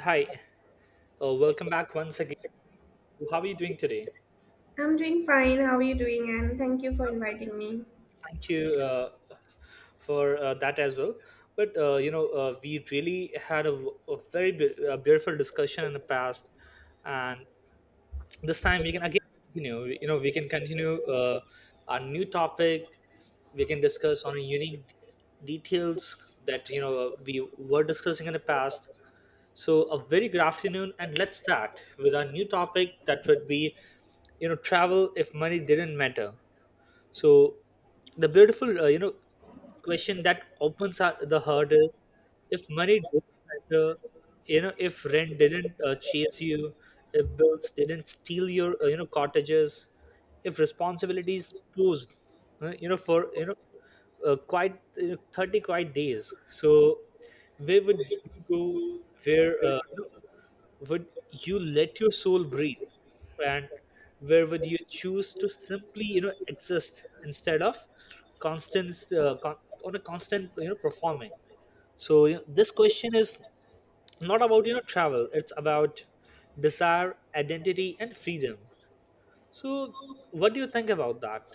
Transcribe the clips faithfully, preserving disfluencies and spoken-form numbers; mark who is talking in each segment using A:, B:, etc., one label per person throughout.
A: Hi, uh, welcome back once again. How are you doing today?
B: I'm doing fine. How are you doing? And thank you for inviting me.
A: Thank you uh, for uh, that as well. But uh, you know, uh, we really had a, a very be- a beautiful discussion in the past, and this time we can again, you know, You know, we can continue uh, our new topic. We can discuss on unique d- details that you know uh, we were discussing in the past. So, a very good afternoon, and let's start with our new topic that would be, you know, travel if money didn't matter. So the beautiful, uh, you know, question that opens our, the heart is, if money didn't matter, you know, if rent didn't uh, chase you, if bills didn't steal your, uh, you know, cottages, if responsibilities posed, uh, you know, for, you know, uh, quite you know, thirty quiet days. So where would you go? Where, uh, you know, would you let your soul breathe, and where would you choose to simply you know exist instead of constant uh, con- on a constant you know performing. So you know, this question is not about you know travel, it's about desire, identity and freedom. So what do you think about that?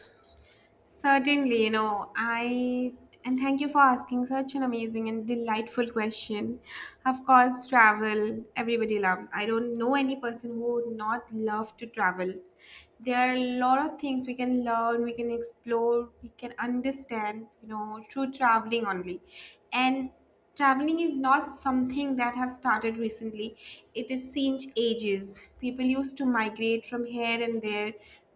B: Certainly, you know, I and thank you for asking such an amazing and delightful question. Of course, travel everybody loves. I don't know any person who would not love to travel. There are a lot of things we can learn, we can explore, we can understand, you know, through traveling only. And traveling is not something that have started recently. It is since ages people used to migrate from here and there.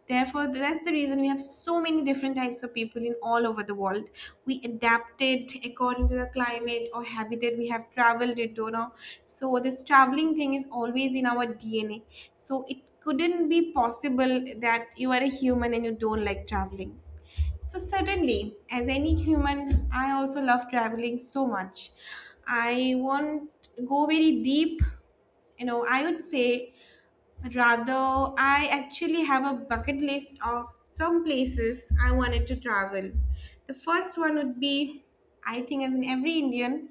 B: Therefore that's the reason we have so many different types of people in all over the world. We adapted according to the climate or habitat we have traveled into now. So this traveling thing is always in our dna. So it couldn't be possible that you are a human and you don't like traveling. So, certainly, as any human, I also love traveling so much. I won't go very deep. You know, I would say, rather, I actually have a bucket list of some places I wanted to travel. The first one would be, I think, as in every Indian,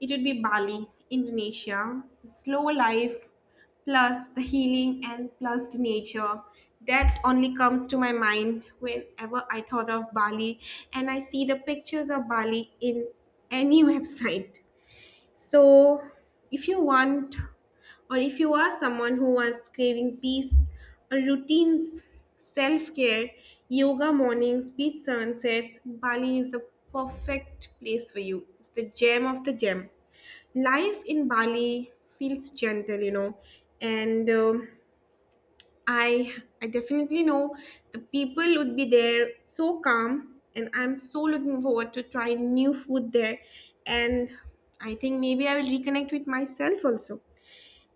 B: it would be Bali, Indonesia. Slow life, plus the healing, and plus the nature. That only comes to my mind whenever I thought of Bali and I see the pictures of Bali in any website. So, if you want, or if you are someone who wants craving peace, a routines, self care, yoga mornings, beach sunsets, Bali is the perfect place for you. It's the gem of the gem. Life in Bali feels gentle, you know, and um, I I definitely know the people would be there so calm and I'm so looking forward to try new food there. And I think maybe I will reconnect with myself also.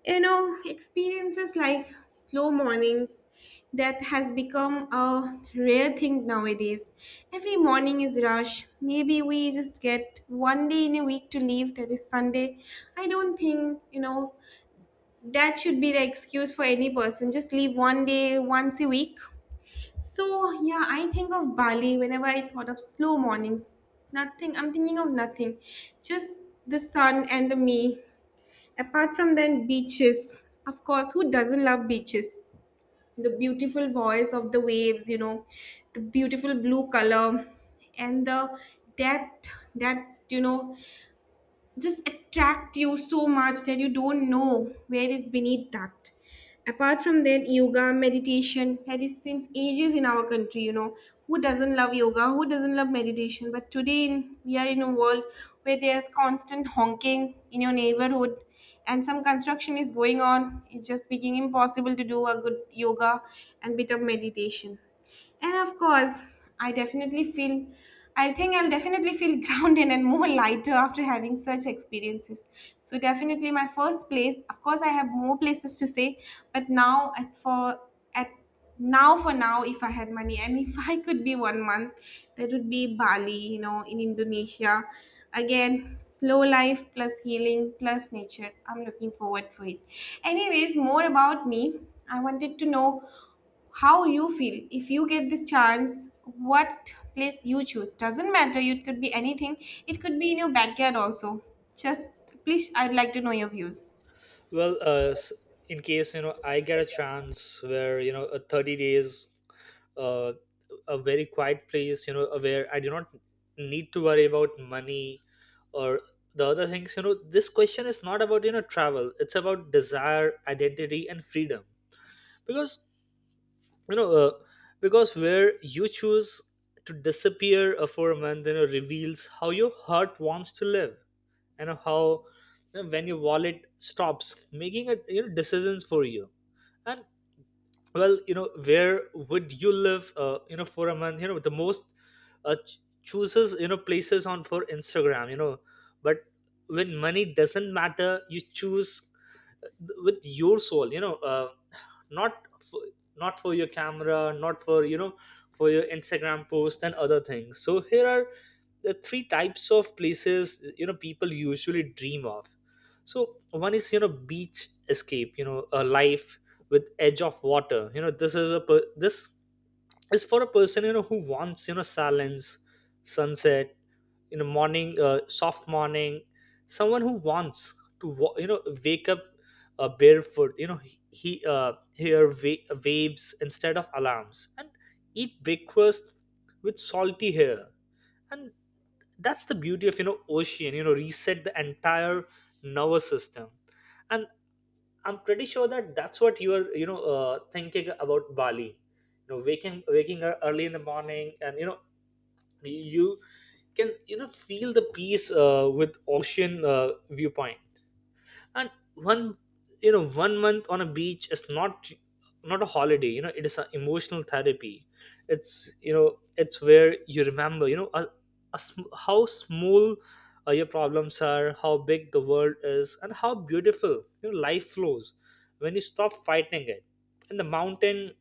B: You know, experiences like slow mornings that has become a rare thing nowadays. Every morning is rush. Maybe we just get one day in a week to leave, that is Sunday. I don't think, you know, that should be the excuse for any person. Just leave one day, once a week. So yeah, I think of Bali whenever I thought of slow mornings. Nothing. I'm thinking of nothing. Just the sun and the me. Apart from then beaches. Of course, who doesn't love beaches? The beautiful voice of the waves, you know, the beautiful blue color and the depth that, you know, just attract you so much that you don't know where is beneath that. Apart from that, yoga, meditation, that is since ages in our country, you know, who doesn't love yoga, who doesn't love meditation? But today in, we are in a world where there's constant honking in your neighborhood and some construction is going on. It's just making impossible to do a good yoga and bit of meditation. And of course, I definitely feel I think I'll definitely feel grounded and more lighter after having such experiences. So definitely my first place. Of course, I have more places to say, but now at for at now for now, if I had money and if I could be one month, that would be Bali. You know, in Indonesia. Again, slow life plus healing plus nature. I'm looking forward for it. Anyways, more about me. I wanted to know how you feel if you get this chance. What place you choose doesn't matter, it could be anything, it could be in your backyard also. Just please, I'd like to know your views.
A: Well, uh, s- in case you know I get a chance where you know a thirty days, uh, a very quiet place, you know where I do not need to worry about money or the other things. You know this question is not about you know travel, it's about desire, identity and freedom. Because, you know uh, because where you choose to disappear uh, for a month, you know reveals how your heart wants to live, and how, you know, when your wallet stops making a you know decisions for you. And, well, you know where would you live uh, you know for a month? You know the most uh, ch- chooses, you know places on for Instagram, you know but when money doesn't matter, you choose uh, with your soul, you know uh, not for, not for your camera, not for you know for your Instagram post and other things. So here are the three types of places you know people usually dream of. So one is, you know beach escape, you know a life with edge of water. You know this is a per- this is for a person you know who wants you know silence, sunset, you know morning, uh, soft morning, someone who wants to wa- you know wake up uh, barefoot, you know he he, uh, hear wa- waves instead of alarms, and eat breakfast with salty hair. And that's the beauty of you know ocean, you know reset the entire nervous system. And I'm pretty sure that that's what you're, you know, uh, thinking about Bali. You know, waking waking up early in the morning, and, you know, you can, you know, feel the peace uh, with ocean uh, viewpoint. And one you know one month on a beach is not not a holiday, you know it is an emotional therapy. It's, you know it's where you remember, you know a, a sm- how small uh, your problems are, how big the world is, and how beautiful, you know, life flows when you stop fighting it. And the mountain,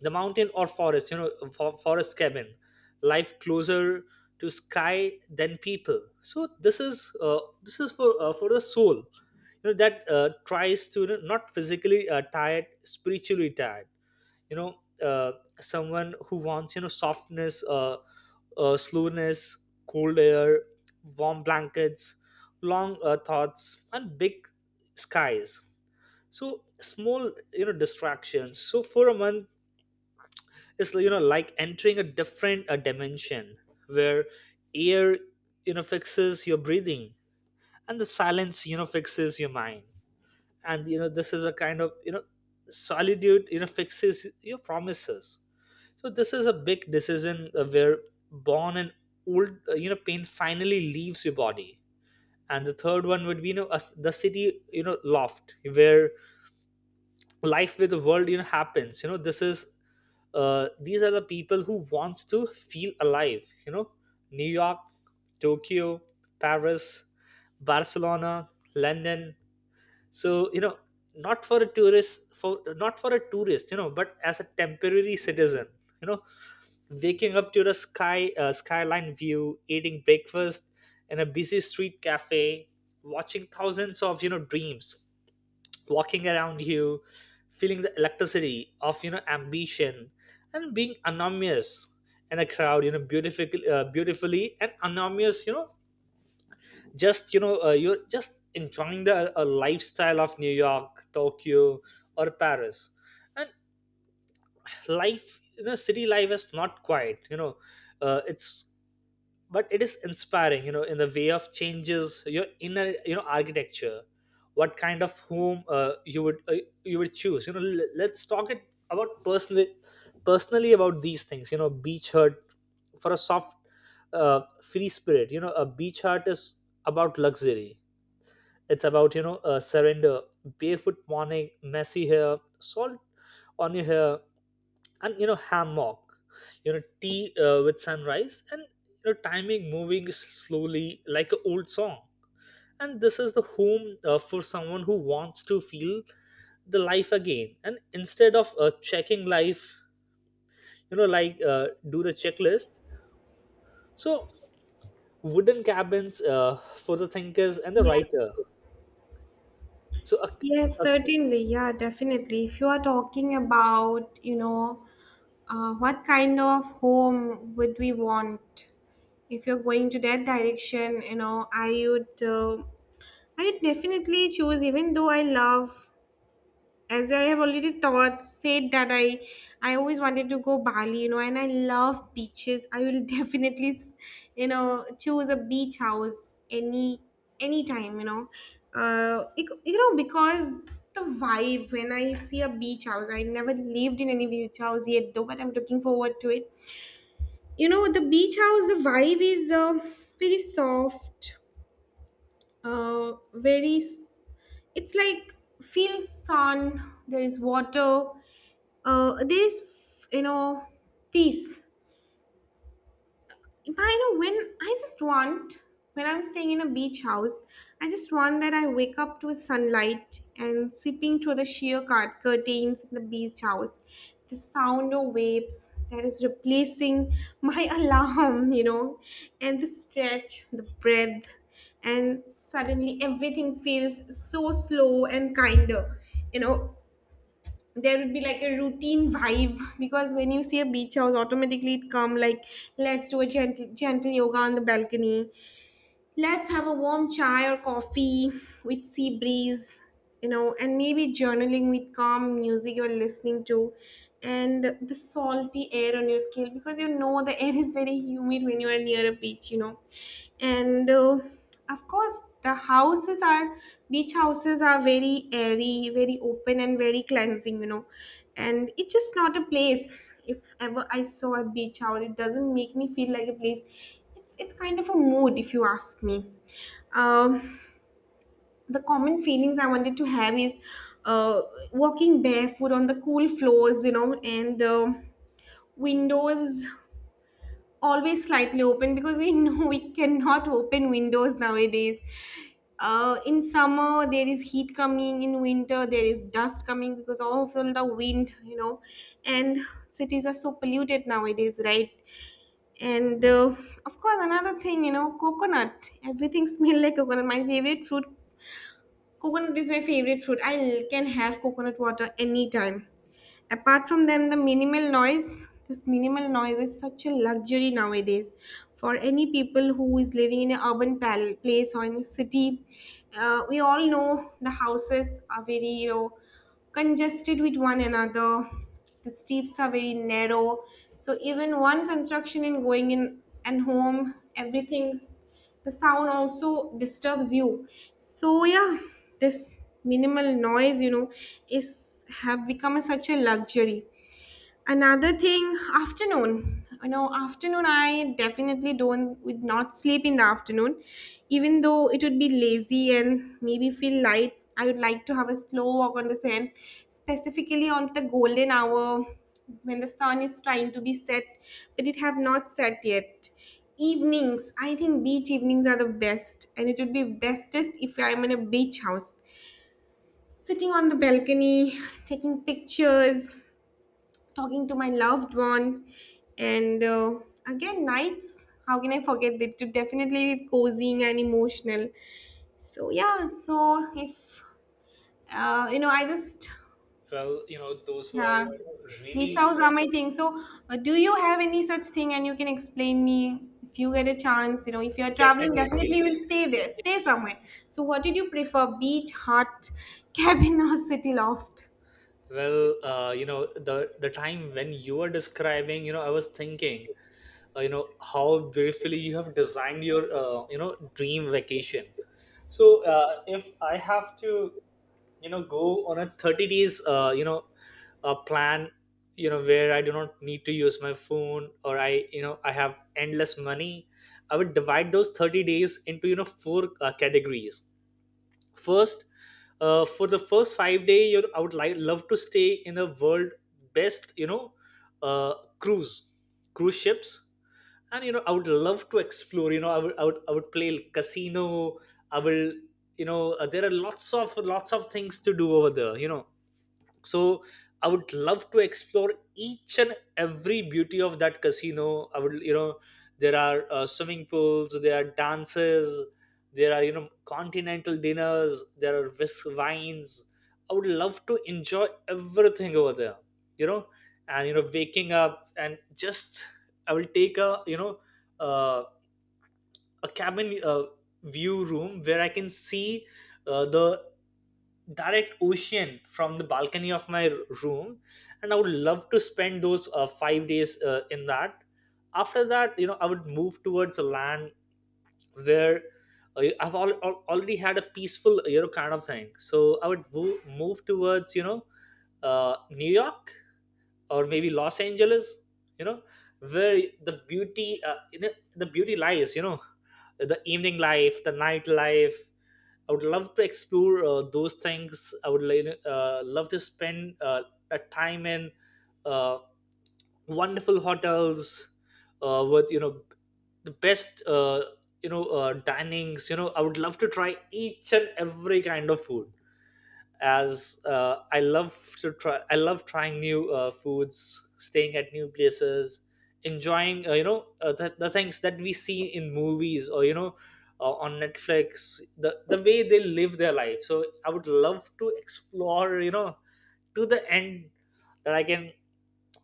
A: the mountain or forest, you know for, forest cabin, life closer to sky than people. So this is uh, this is for uh, for the soul you know that uh, tries to, you know, not physically uh, tired, spiritually tired, you know uh, someone who wants you know softness, uh, uh, slowness, cold air, warm blankets, long uh, thoughts, and big skies, so small, you know distractions. So for a month, it's, you know like entering a different uh, dimension where air you know fixes your breathing, and the silence you know fixes your mind. And, you know this is a kind of you know solitude you know fixes your promises. So this is a big decision uh, where born and old uh, you know pain finally leaves your body. And the third one would be, you know us the city you know loft, where life with the world you know happens. You know this is uh, these are the people who wants to feel alive, you know New York, Tokyo, Paris, Barcelona, London. So, you know not for a tourist, for not for a tourist, you know but as a temporary citizen, you know waking up to the sky uh, skyline view, eating breakfast in a busy street cafe, watching thousands of you know dreams walking around you, feeling the electricity of you know ambition, and being anonymous in a crowd, you know beautifully uh, beautifully and anonymous, you know just you know uh, you're just enjoying the uh, lifestyle of New York, Tokyo, or Paris. And life, you know city life is not quiet, you know uh, it's, but it is inspiring, you know in the way of changes your inner you know architecture. What kind of home uh, you would uh, you would choose? You know l- let's talk it about personally, personally about these things. You know beach hut, for a soft uh, free spirit, you know a beach hut is about luxury. It's about, you know uh, surrender, barefoot morning, messy hair, salt on your hair, and, you know hammock, you know tea uh, with sunrise, and, you know timing moving s- slowly like an old song. And this is the home uh, for someone who wants to feel the life again. And instead of uh, checking life, you know, like uh, do the checklist. So wooden cabins uh, for the thinkers and the
B: Yeah,
A: writer. So a,
B: yes,
A: a
B: certainly. Yeah, definitely. If you are talking about, you know, uh, what kind of home would we want? If you're going to that direction, you know, I would, uh, I would definitely choose. Even though I love, as I have already taught said that I I always wanted to go Bali, you know, and I love beaches. I will definitely, you know, choose a beach house any any time, you know, uh, it, you know, because the vibe when I see a beach house. I never lived in any beach house yet, though, but I'm looking forward to it. You know, the beach house, the vibe is uh, very soft, uh, very. s- It's like feel sun. There is water, uh, there is, you know, peace. But you know when i just want when I'm staying in a beach house, I just want that I wake up to sunlight and sipping through the sheer cart curtains in the beach house, the sound of waves that is replacing my alarm, you know, and the stretch the breath, and suddenly everything feels so slow and kinder, you know. There would be like a routine vibe because when you see a beach house automatically it come like let's do a gentle gentle yoga on the balcony. Let's have a warm chai or coffee with sea breeze, you know, and maybe journaling with calm music you're listening to and the salty air on your skin because you know the air is very humid when you are near a beach, you know. And uh, of course, the houses are, beach houses are very airy, very open, and very cleansing, you know. And it's just not a place. If ever I saw a beach house it doesn't make me feel like a place. It's, it's kind of a mood, if you ask me. Um, the common feelings I wanted to have is uh, walking barefoot on the cool floors, you know, and uh, windows always slightly open because we know we cannot open windows nowadays. Uh, in summer, there is heat coming. In winter, there is dust coming because of all the wind, you know, and cities are so polluted nowadays, right? And uh, of course, another thing, you know, coconut. Everything smells like coconut. My favorite fruit, coconut is my favorite fruit. I can have coconut water anytime. Apart from them, the minimal noise, this minimal noise is such a luxury nowadays for any people who is living in an urban pal- place or in a city. Uh, we all know the houses are very, you know, congested with one another. The streets are very narrow. So even one construction in going in and home, everything's the sound also disturbs you. So yeah, this minimal noise, you know, is have become a, such a luxury. Another thing, afternoon, you know, afternoon I definitely don't would not sleep in the afternoon. Even though it would be lazy and maybe feel light, I would like to have a slow walk on the sand, specifically on the golden hour, when the sun is trying to be set but it have not set yet. Evenings, I think beach evenings are the best, and it would be bestest if I'm in a beach house sitting on the balcony, taking pictures, talking to my loved one, and uh, again, nights. How can I forget that? To definitely be cozying and emotional. So yeah, so if uh, you know, I just
A: Well, you know, those
B: yeah,
A: were
B: beach
A: really
B: house
A: uh,
B: are my thing. So uh, do you have any such thing, and you can explain me if you get a chance? You know, if you are traveling, definitely
A: definitely.
B: you will stay there, stay somewhere. So what did you prefer, beach hut, cabin, or city loft?
A: Well, uh, you know, the the time when you were describing, you know, I was thinking, uh, you know, how beautifully you have designed your, uh, you know, dream vacation. So, uh, if I have to, you know, go on a thirty days, uh, you know, a plan, you know, where I do not need to use my phone, or I, you know, I have endless money. I would divide those thirty days into, you know, four uh, categories. First, uh, for the first five day, you I would like love to stay in a world best, you know, uh, cruise, cruise ships, and, you know I would love to explore. You know, I would I would I would play casino. I will, you know, uh, there are lots of lots of things to do over there. You know, so I would love to explore each and every beauty of that casino. I would, you know there are uh, swimming pools, there are dances, there are, you know continental dinners, there are whisk wines. I would love to enjoy everything over there, you know and, you know waking up, and just I will take a, you know uh, a cabin uh, view room where I can see uh, the direct ocean from the balcony of my r- room. And I would love to spend those uh, five days uh, in that. After that, you know I would move towards a land where, uh, i've al- al- already had a peaceful, you know kind of thing. So I would wo- move towards, you know uh, New York or maybe Los Angeles, you know where the beauty, uh, you know, the beauty lies, you know the evening life, the nightlife. I would love to explore uh, those things. I would li- uh, love to spend uh, a time in uh, wonderful hotels uh, with, you know the best uh, you know uh, dinings. You know, I would love to try each and every kind of food, as uh, I love to try. I love trying new uh, foods, staying at new places, enjoying uh, you know uh, the, the things that we see in movies, or, you know uh, on Netflix. The the way they live their life. So I would love to explore, you know to the end that I can.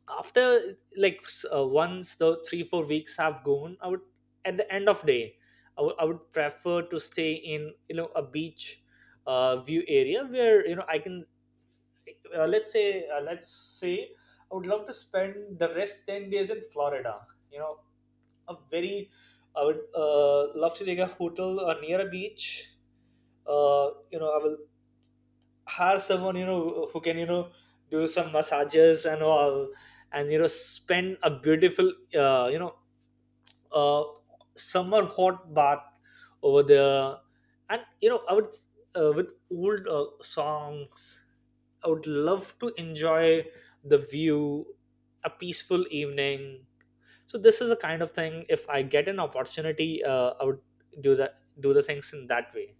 A: After like s- uh, once the three four weeks have gone, I would, at the end of day, I would I would prefer to stay in, you know a beach uh, view area where, you know I can, uh, let's say uh, let's say I would love to spend the rest ten days in Florida. You know, a very, I would uh, love to take a hotel uh, near a beach. Uh, you know, I will hire someone you know who can you know do some massages and all, and you know spend a beautiful uh, you know uh, summer hot bath over there. And you know I would uh, with old uh, songs, I would love to enjoy the view, a peaceful evening. So this is a kind of thing. If I get an opportunity, uh, I would do that do the things in that way.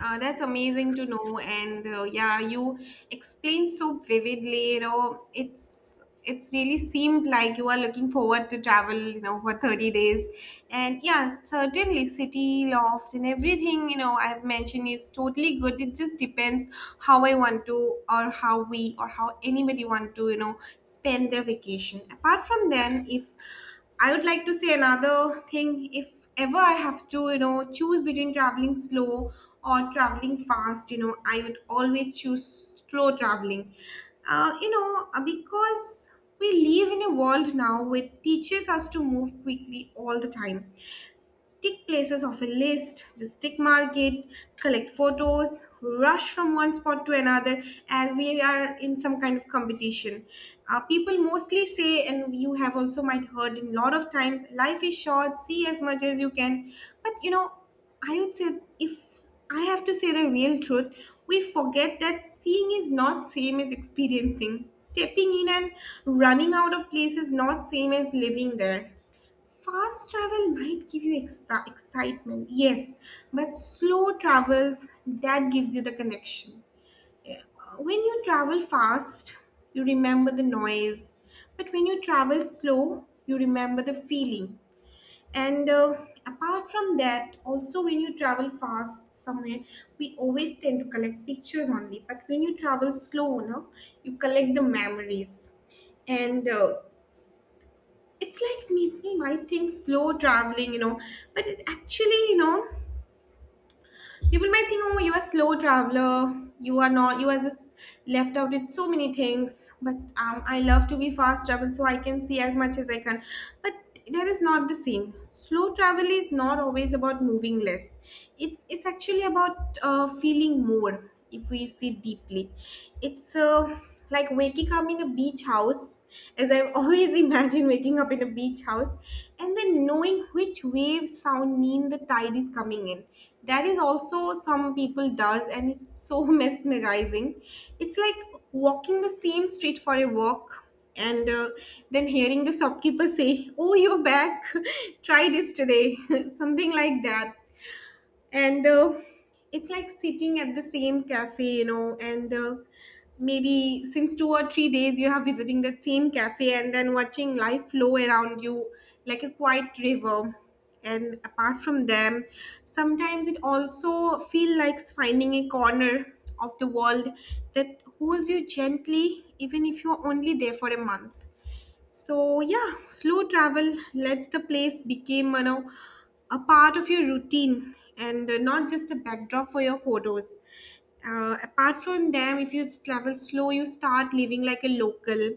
B: Uh, that's amazing to know, and uh, yeah, you explained so vividly. You know, it's it's really seemed like you are looking forward to travel. You know, for thirty days, and yeah, certainly city loft and everything. You know, I have mentioned is totally good. It just depends how I want to, or how we, or how anybody want to. You know, spend their vacation. Apart from then, if I would like to say another thing. If ever I have to, you know, choose between traveling slow or traveling fast, you know, I would always choose slow traveling. Uh, you know, uh, because we live in a world now which teaches us to move quickly all the time, tick places of a list, just tick mark it, collect photos, rush from one spot to another as we are in some kind of competition. Uh, people mostly say, and you have also might heard in a lot of times, life is short, see as much as you can. But you know, I would say if I have to say the real truth, we forget that seeing is not same as experiencing. Stepping in and running out of place is not same as living there. Fast travel might give you exci- excitement, yes, but slow travels that gives you the connection. Yeah. When you travel fast, you remember the noise, but when you travel slow, you remember the feeling. And uh, apart from that, also when you travel fast somewhere, we always tend to collect pictures only. But when you travel slow, no, you collect the memories. And uh, it's like people might think slow traveling, you know, but it actually, you know, people might think, oh, you're a slow traveler. You are not. You are just left out with so many things. But um, I love to be fast travel, so I can see as much as I can. But that is not the same. Slow travel is not always about moving less. It's it's actually about uh, feeling more. If we see deeply, it's uh, like waking up in a beach house as I've always imagined waking up in a beach house, and then knowing which wave sound mean the tide is coming in. That is also some people does and it's so mesmerizing. It's like walking the same street for a walk, and uh, then hearing the shopkeeper say, oh, you're back, try this today, something like that. And uh, it's like sitting at the same cafe, you know, and uh, maybe since two or three days you are visiting that same cafe and then watching life flow around you like a quiet river. And apart from them, sometimes it also feel like finding a corner of the world that holds you gently even if you're only there for a month. So yeah, slow travel lets the place become, you know, a part of your routine, and uh, not just a backdrop for your photos. Uh, apart from them, if you travel slow, you start living like a local,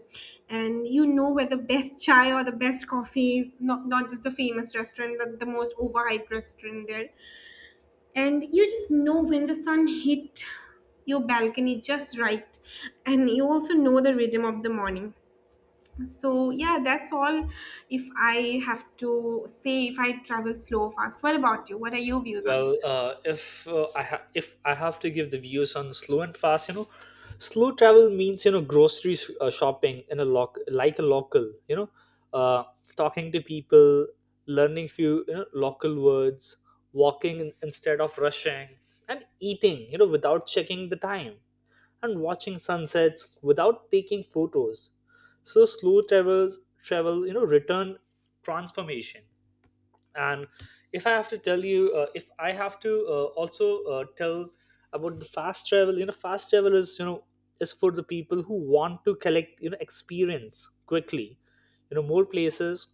B: and you know where the best chai or the best coffee is. Not not just the famous restaurant, but the most overhyped restaurant there. And you just know when the sun hit your balcony just right, and you also know the rhythm of the morning. So yeah, that's all. If I have to say, if I travel slow, or fast. What about you? What are your views on travels?
A: Well, uh, if uh, I ha- if I have to give the views on slow and fast, you know, slow travel means you know grocery sh- uh, shopping in a loc like a local, you know, uh, talking to people, learning few you know local words, walking in- instead of rushing, and eating you know without checking the time, and watching sunsets without taking photos. So slow travels travel you know return transformation. And if I have to tell you uh, if I have to uh, also uh, tell about the fast travel. You know fast travel is, you know is for the people who want to collect you know experience quickly, you know more places,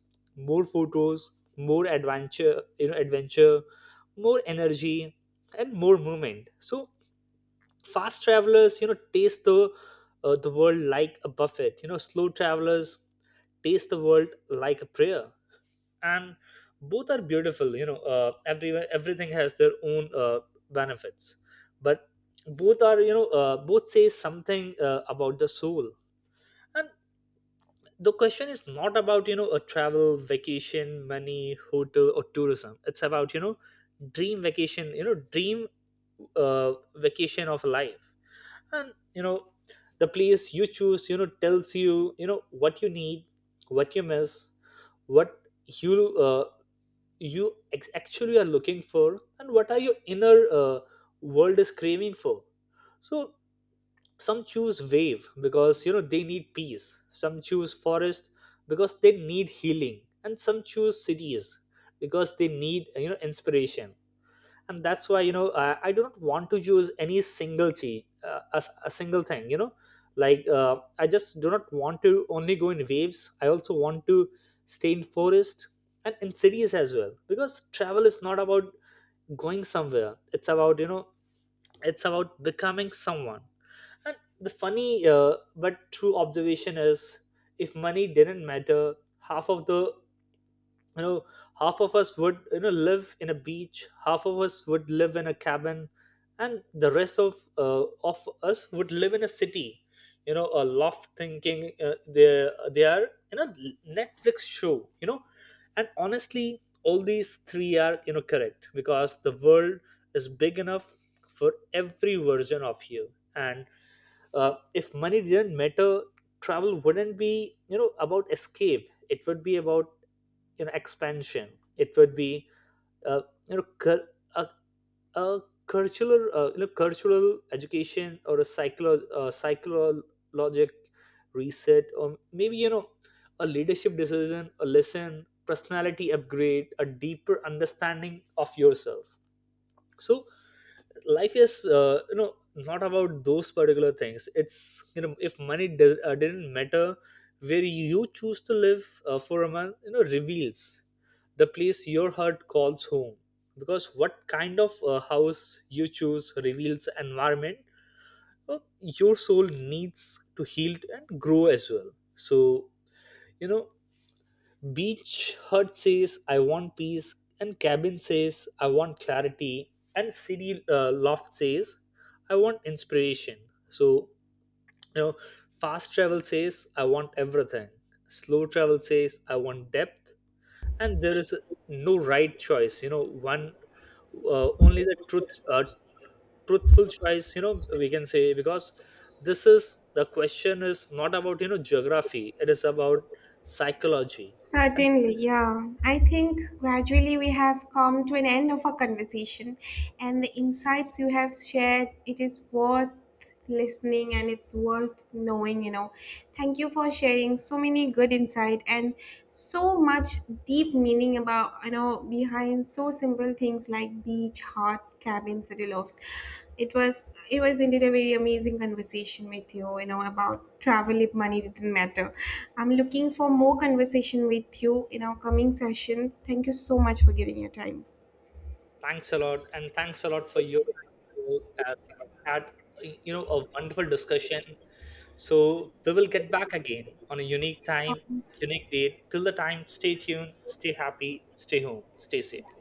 A: more photos, more adventure, you know adventure more energy, and more movement. So fast travelers you know taste the uh, the world like a buffet, you know slow travelers taste the world like a prayer. And both are beautiful, you know uh, everyone everything has their own uh, benefits. But both are you know uh, both say something uh, about the soul. And the question is not about you know a travel, vacation, money, hotel, or tourism. It's about, you know dream vacation you know dream uh, vacation of life. And you know the place you choose, you know tells you you know what you need, what you miss, what you uh, you ex- actually are looking for, and what are your inner uh, world is craving for. So some choose wave because you know they need peace, some choose forest because they need healing, and some choose cities because they need you know inspiration. And that's why you know I, I do not want to use any single chi uh, a, s- a single thing, you know like uh, I just do not want to only go in waves. I also want to stay in forest and in cities as well, because travel is not about going somewhere. It's about, you know it's about becoming someone. And the funny uh, but true observation is, if money didn't matter, half of the you know half of us would you know live in a beach, half of us would live in a cabin, and the rest of uh, of us would live in a city, you know a loft, thinking uh, they they are in a netflix show you know And honestly, all these three are you know correct, because the world is big enough for every version of you. And uh, if money didn't matter, travel wouldn't be you know about escape. It would be about, you know expansion. It would be uh, you know cur- a, a curricular uh, you know cultural education, or a psycholo- uh, psychologic reset, or maybe you know a leadership decision, a lesson, personality upgrade, a deeper understanding of yourself. So life is uh, you know not about those particular things. It's, you know if money does, uh, didn't matter, where you choose to live uh, for a month, you know reveals the place your heart calls home. Because what kind of uh, house you choose reveals environment, uh, your soul needs to heal and grow as well. So, you know beach hut says, "I want peace," and cabin says, "I want clarity," and city uh, loft says, "I want inspiration." So, you know, fast travel says, "I want everything," slow travel says, "I want depth," and there is no right choice, you know, one uh, only the truth, uh, truthful choice, you know, we can say, because this is the question is not about, you know, geography. It is about psychology and.
B: Certainly, yeah. I think gradually we have come to an end of our conversation, and the insights you have shared, it is worth listening and it's worth knowing, you know. Thank you for sharing so many good insight and so much deep meaning about, you know, behind so simple things like beach, hot cabins, city loft. It was it was indeed a very amazing conversation with you, you know, about travel if money didn't matter. I'm looking for more conversation with you in our coming sessions. Thank you so much for giving your time.
A: Thanks a lot, and thanks a lot for your uh, had you know a wonderful discussion. So we will get back again on a unique time, unique date. Till the time, stay tuned, stay happy, stay home, stay safe.